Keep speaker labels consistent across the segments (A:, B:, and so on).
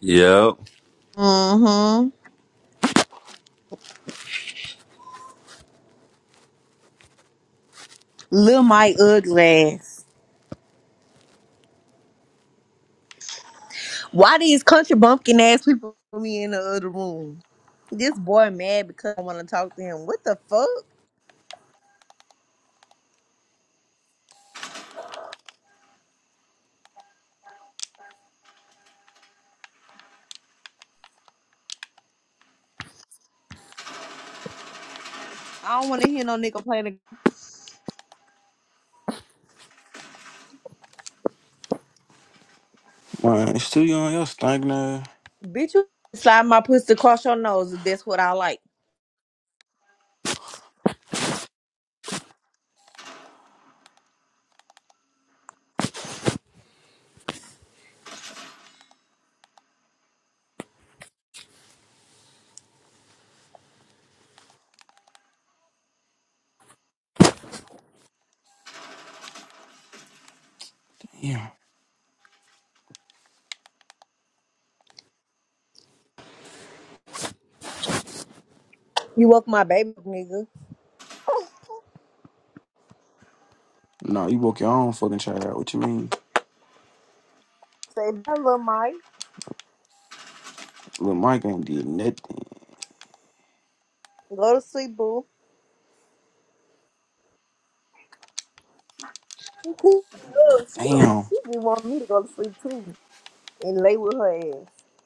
A: Yep.
B: Mm-hmm. Lil Mike ugly ass. Why these country bumpkin ass people put me in the other room? This boy mad because I want to talk to him. What the fuck? I don't want to hear no nigga playing.
C: Man, it's too young. You're stinking ass.
B: the bitch. You slide my pussy across your nose. If that's what I like.
C: Yeah.
B: You woke my baby, up, nigga.
C: Nah, you broke your own fucking child out. What you mean?
B: Say bye, Lil Mike.
C: Lil Mike ain't did nothing.
B: Go to sleep, boo. She keep up. She don't.
C: Damn.
B: She be wanting me to go to sleep too and lay with her ass.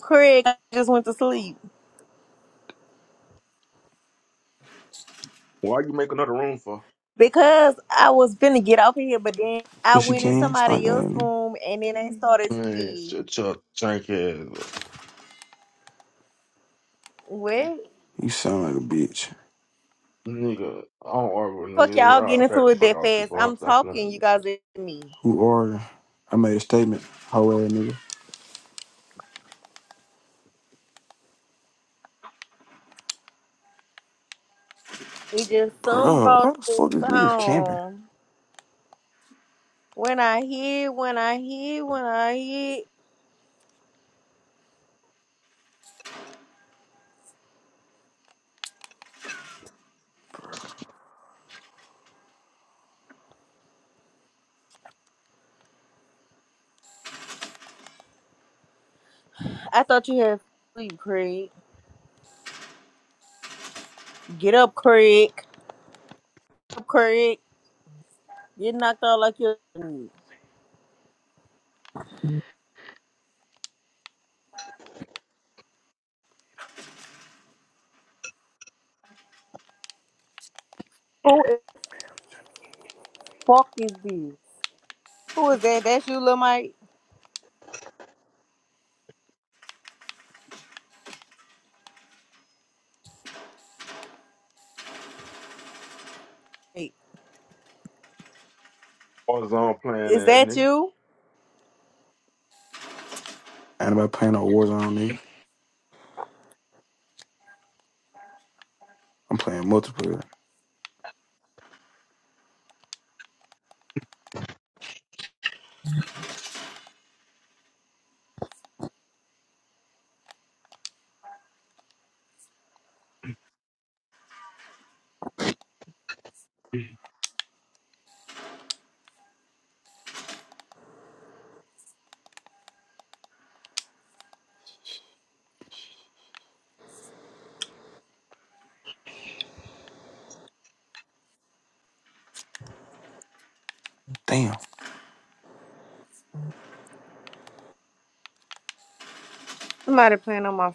B: Craig just went to sleep.
D: Why you make another room for?
B: Because I was finna get off of here, but then I
C: Cause you
B: went in
C: can.
B: somebody
C: Stinking ass
B: else's
C: nigga.
B: room and then they started to
D: Man,
B: me.
D: shut your drink ass up.
B: What?
C: You sound like a bitch.
D: Nigga, I don't argue with
B: Fuck
D: nigga.
B: y'all get
D: Y'all back
B: into
D: the
B: it
D: fuck
B: that
D: out you,
B: fast.
D: boy.
B: I'm
D: Stop
B: talking,
D: playing
B: you
D: this
B: guys
D: shit.
B: listen to me.
C: Who are you? I made a statement. How ass nigga.
B: We just some
C: Bruh, why
B: about
C: the
B: this
C: fuck is niggas camping?
B: song. When I hear, when I hear, when I hear. I thought you had sleep, Craig. Get up, Craig. Get up, Craig. Get knocked out like you are Who the fuck is this? Who is that? That's you, Lil Mike? Wait,
D: What is on playing
B: Is that
D: ass
B: you?
C: Ain't about playing no Warzone, nigga. I'm playing multiplayer.
D: nigga?
C: Damn.
B: Somebody playing on my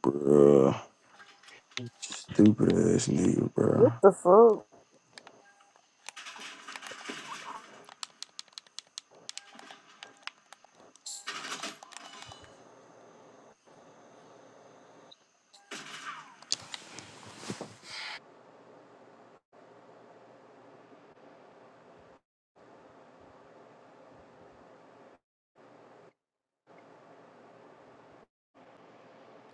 C: Bruh. Stupid ass nigga,
B: What
C: bruh.
B: the fuck?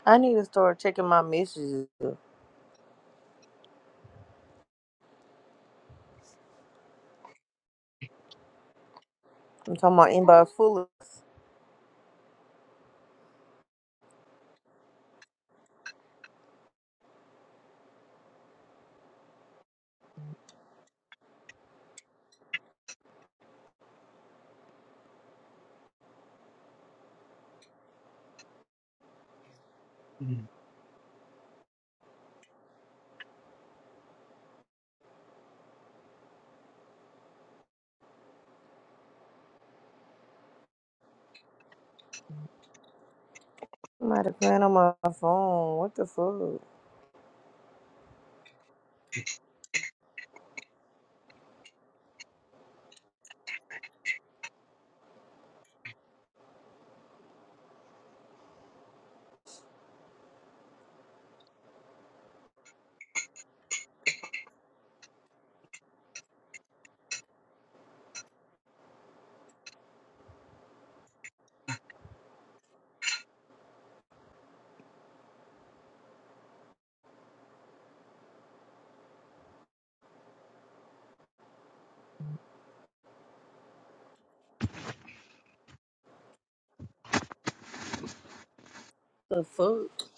B: I need to start checking my messages. I'm talking about inbox full of. I'm out of plan on my phone. What the fuck? The fuck?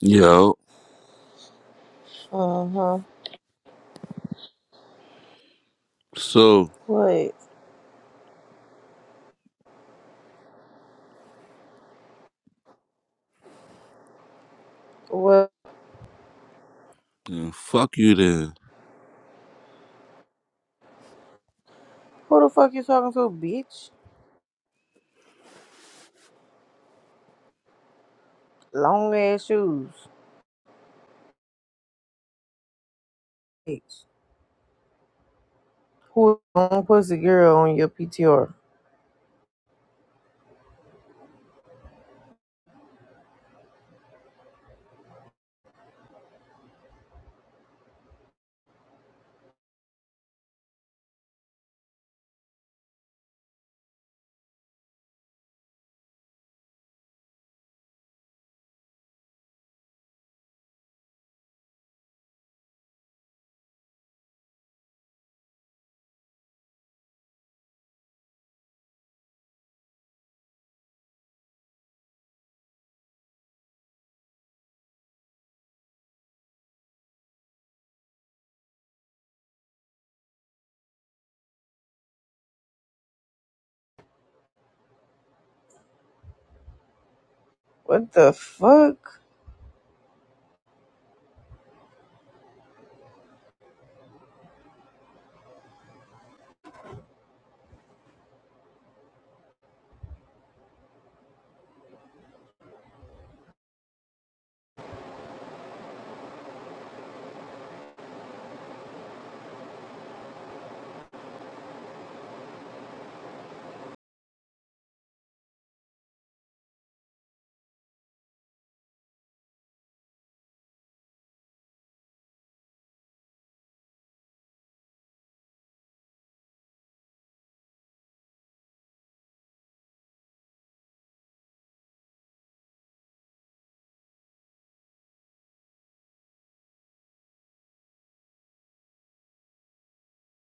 A: Yep.
B: Uh huh.
A: So,
B: What? What?
A: yeah, fuck you then.
B: Who the fuck you talking to, bitch? Long ass shoes. Bitch. Pull on pussy girl on your PTR. What the fuck?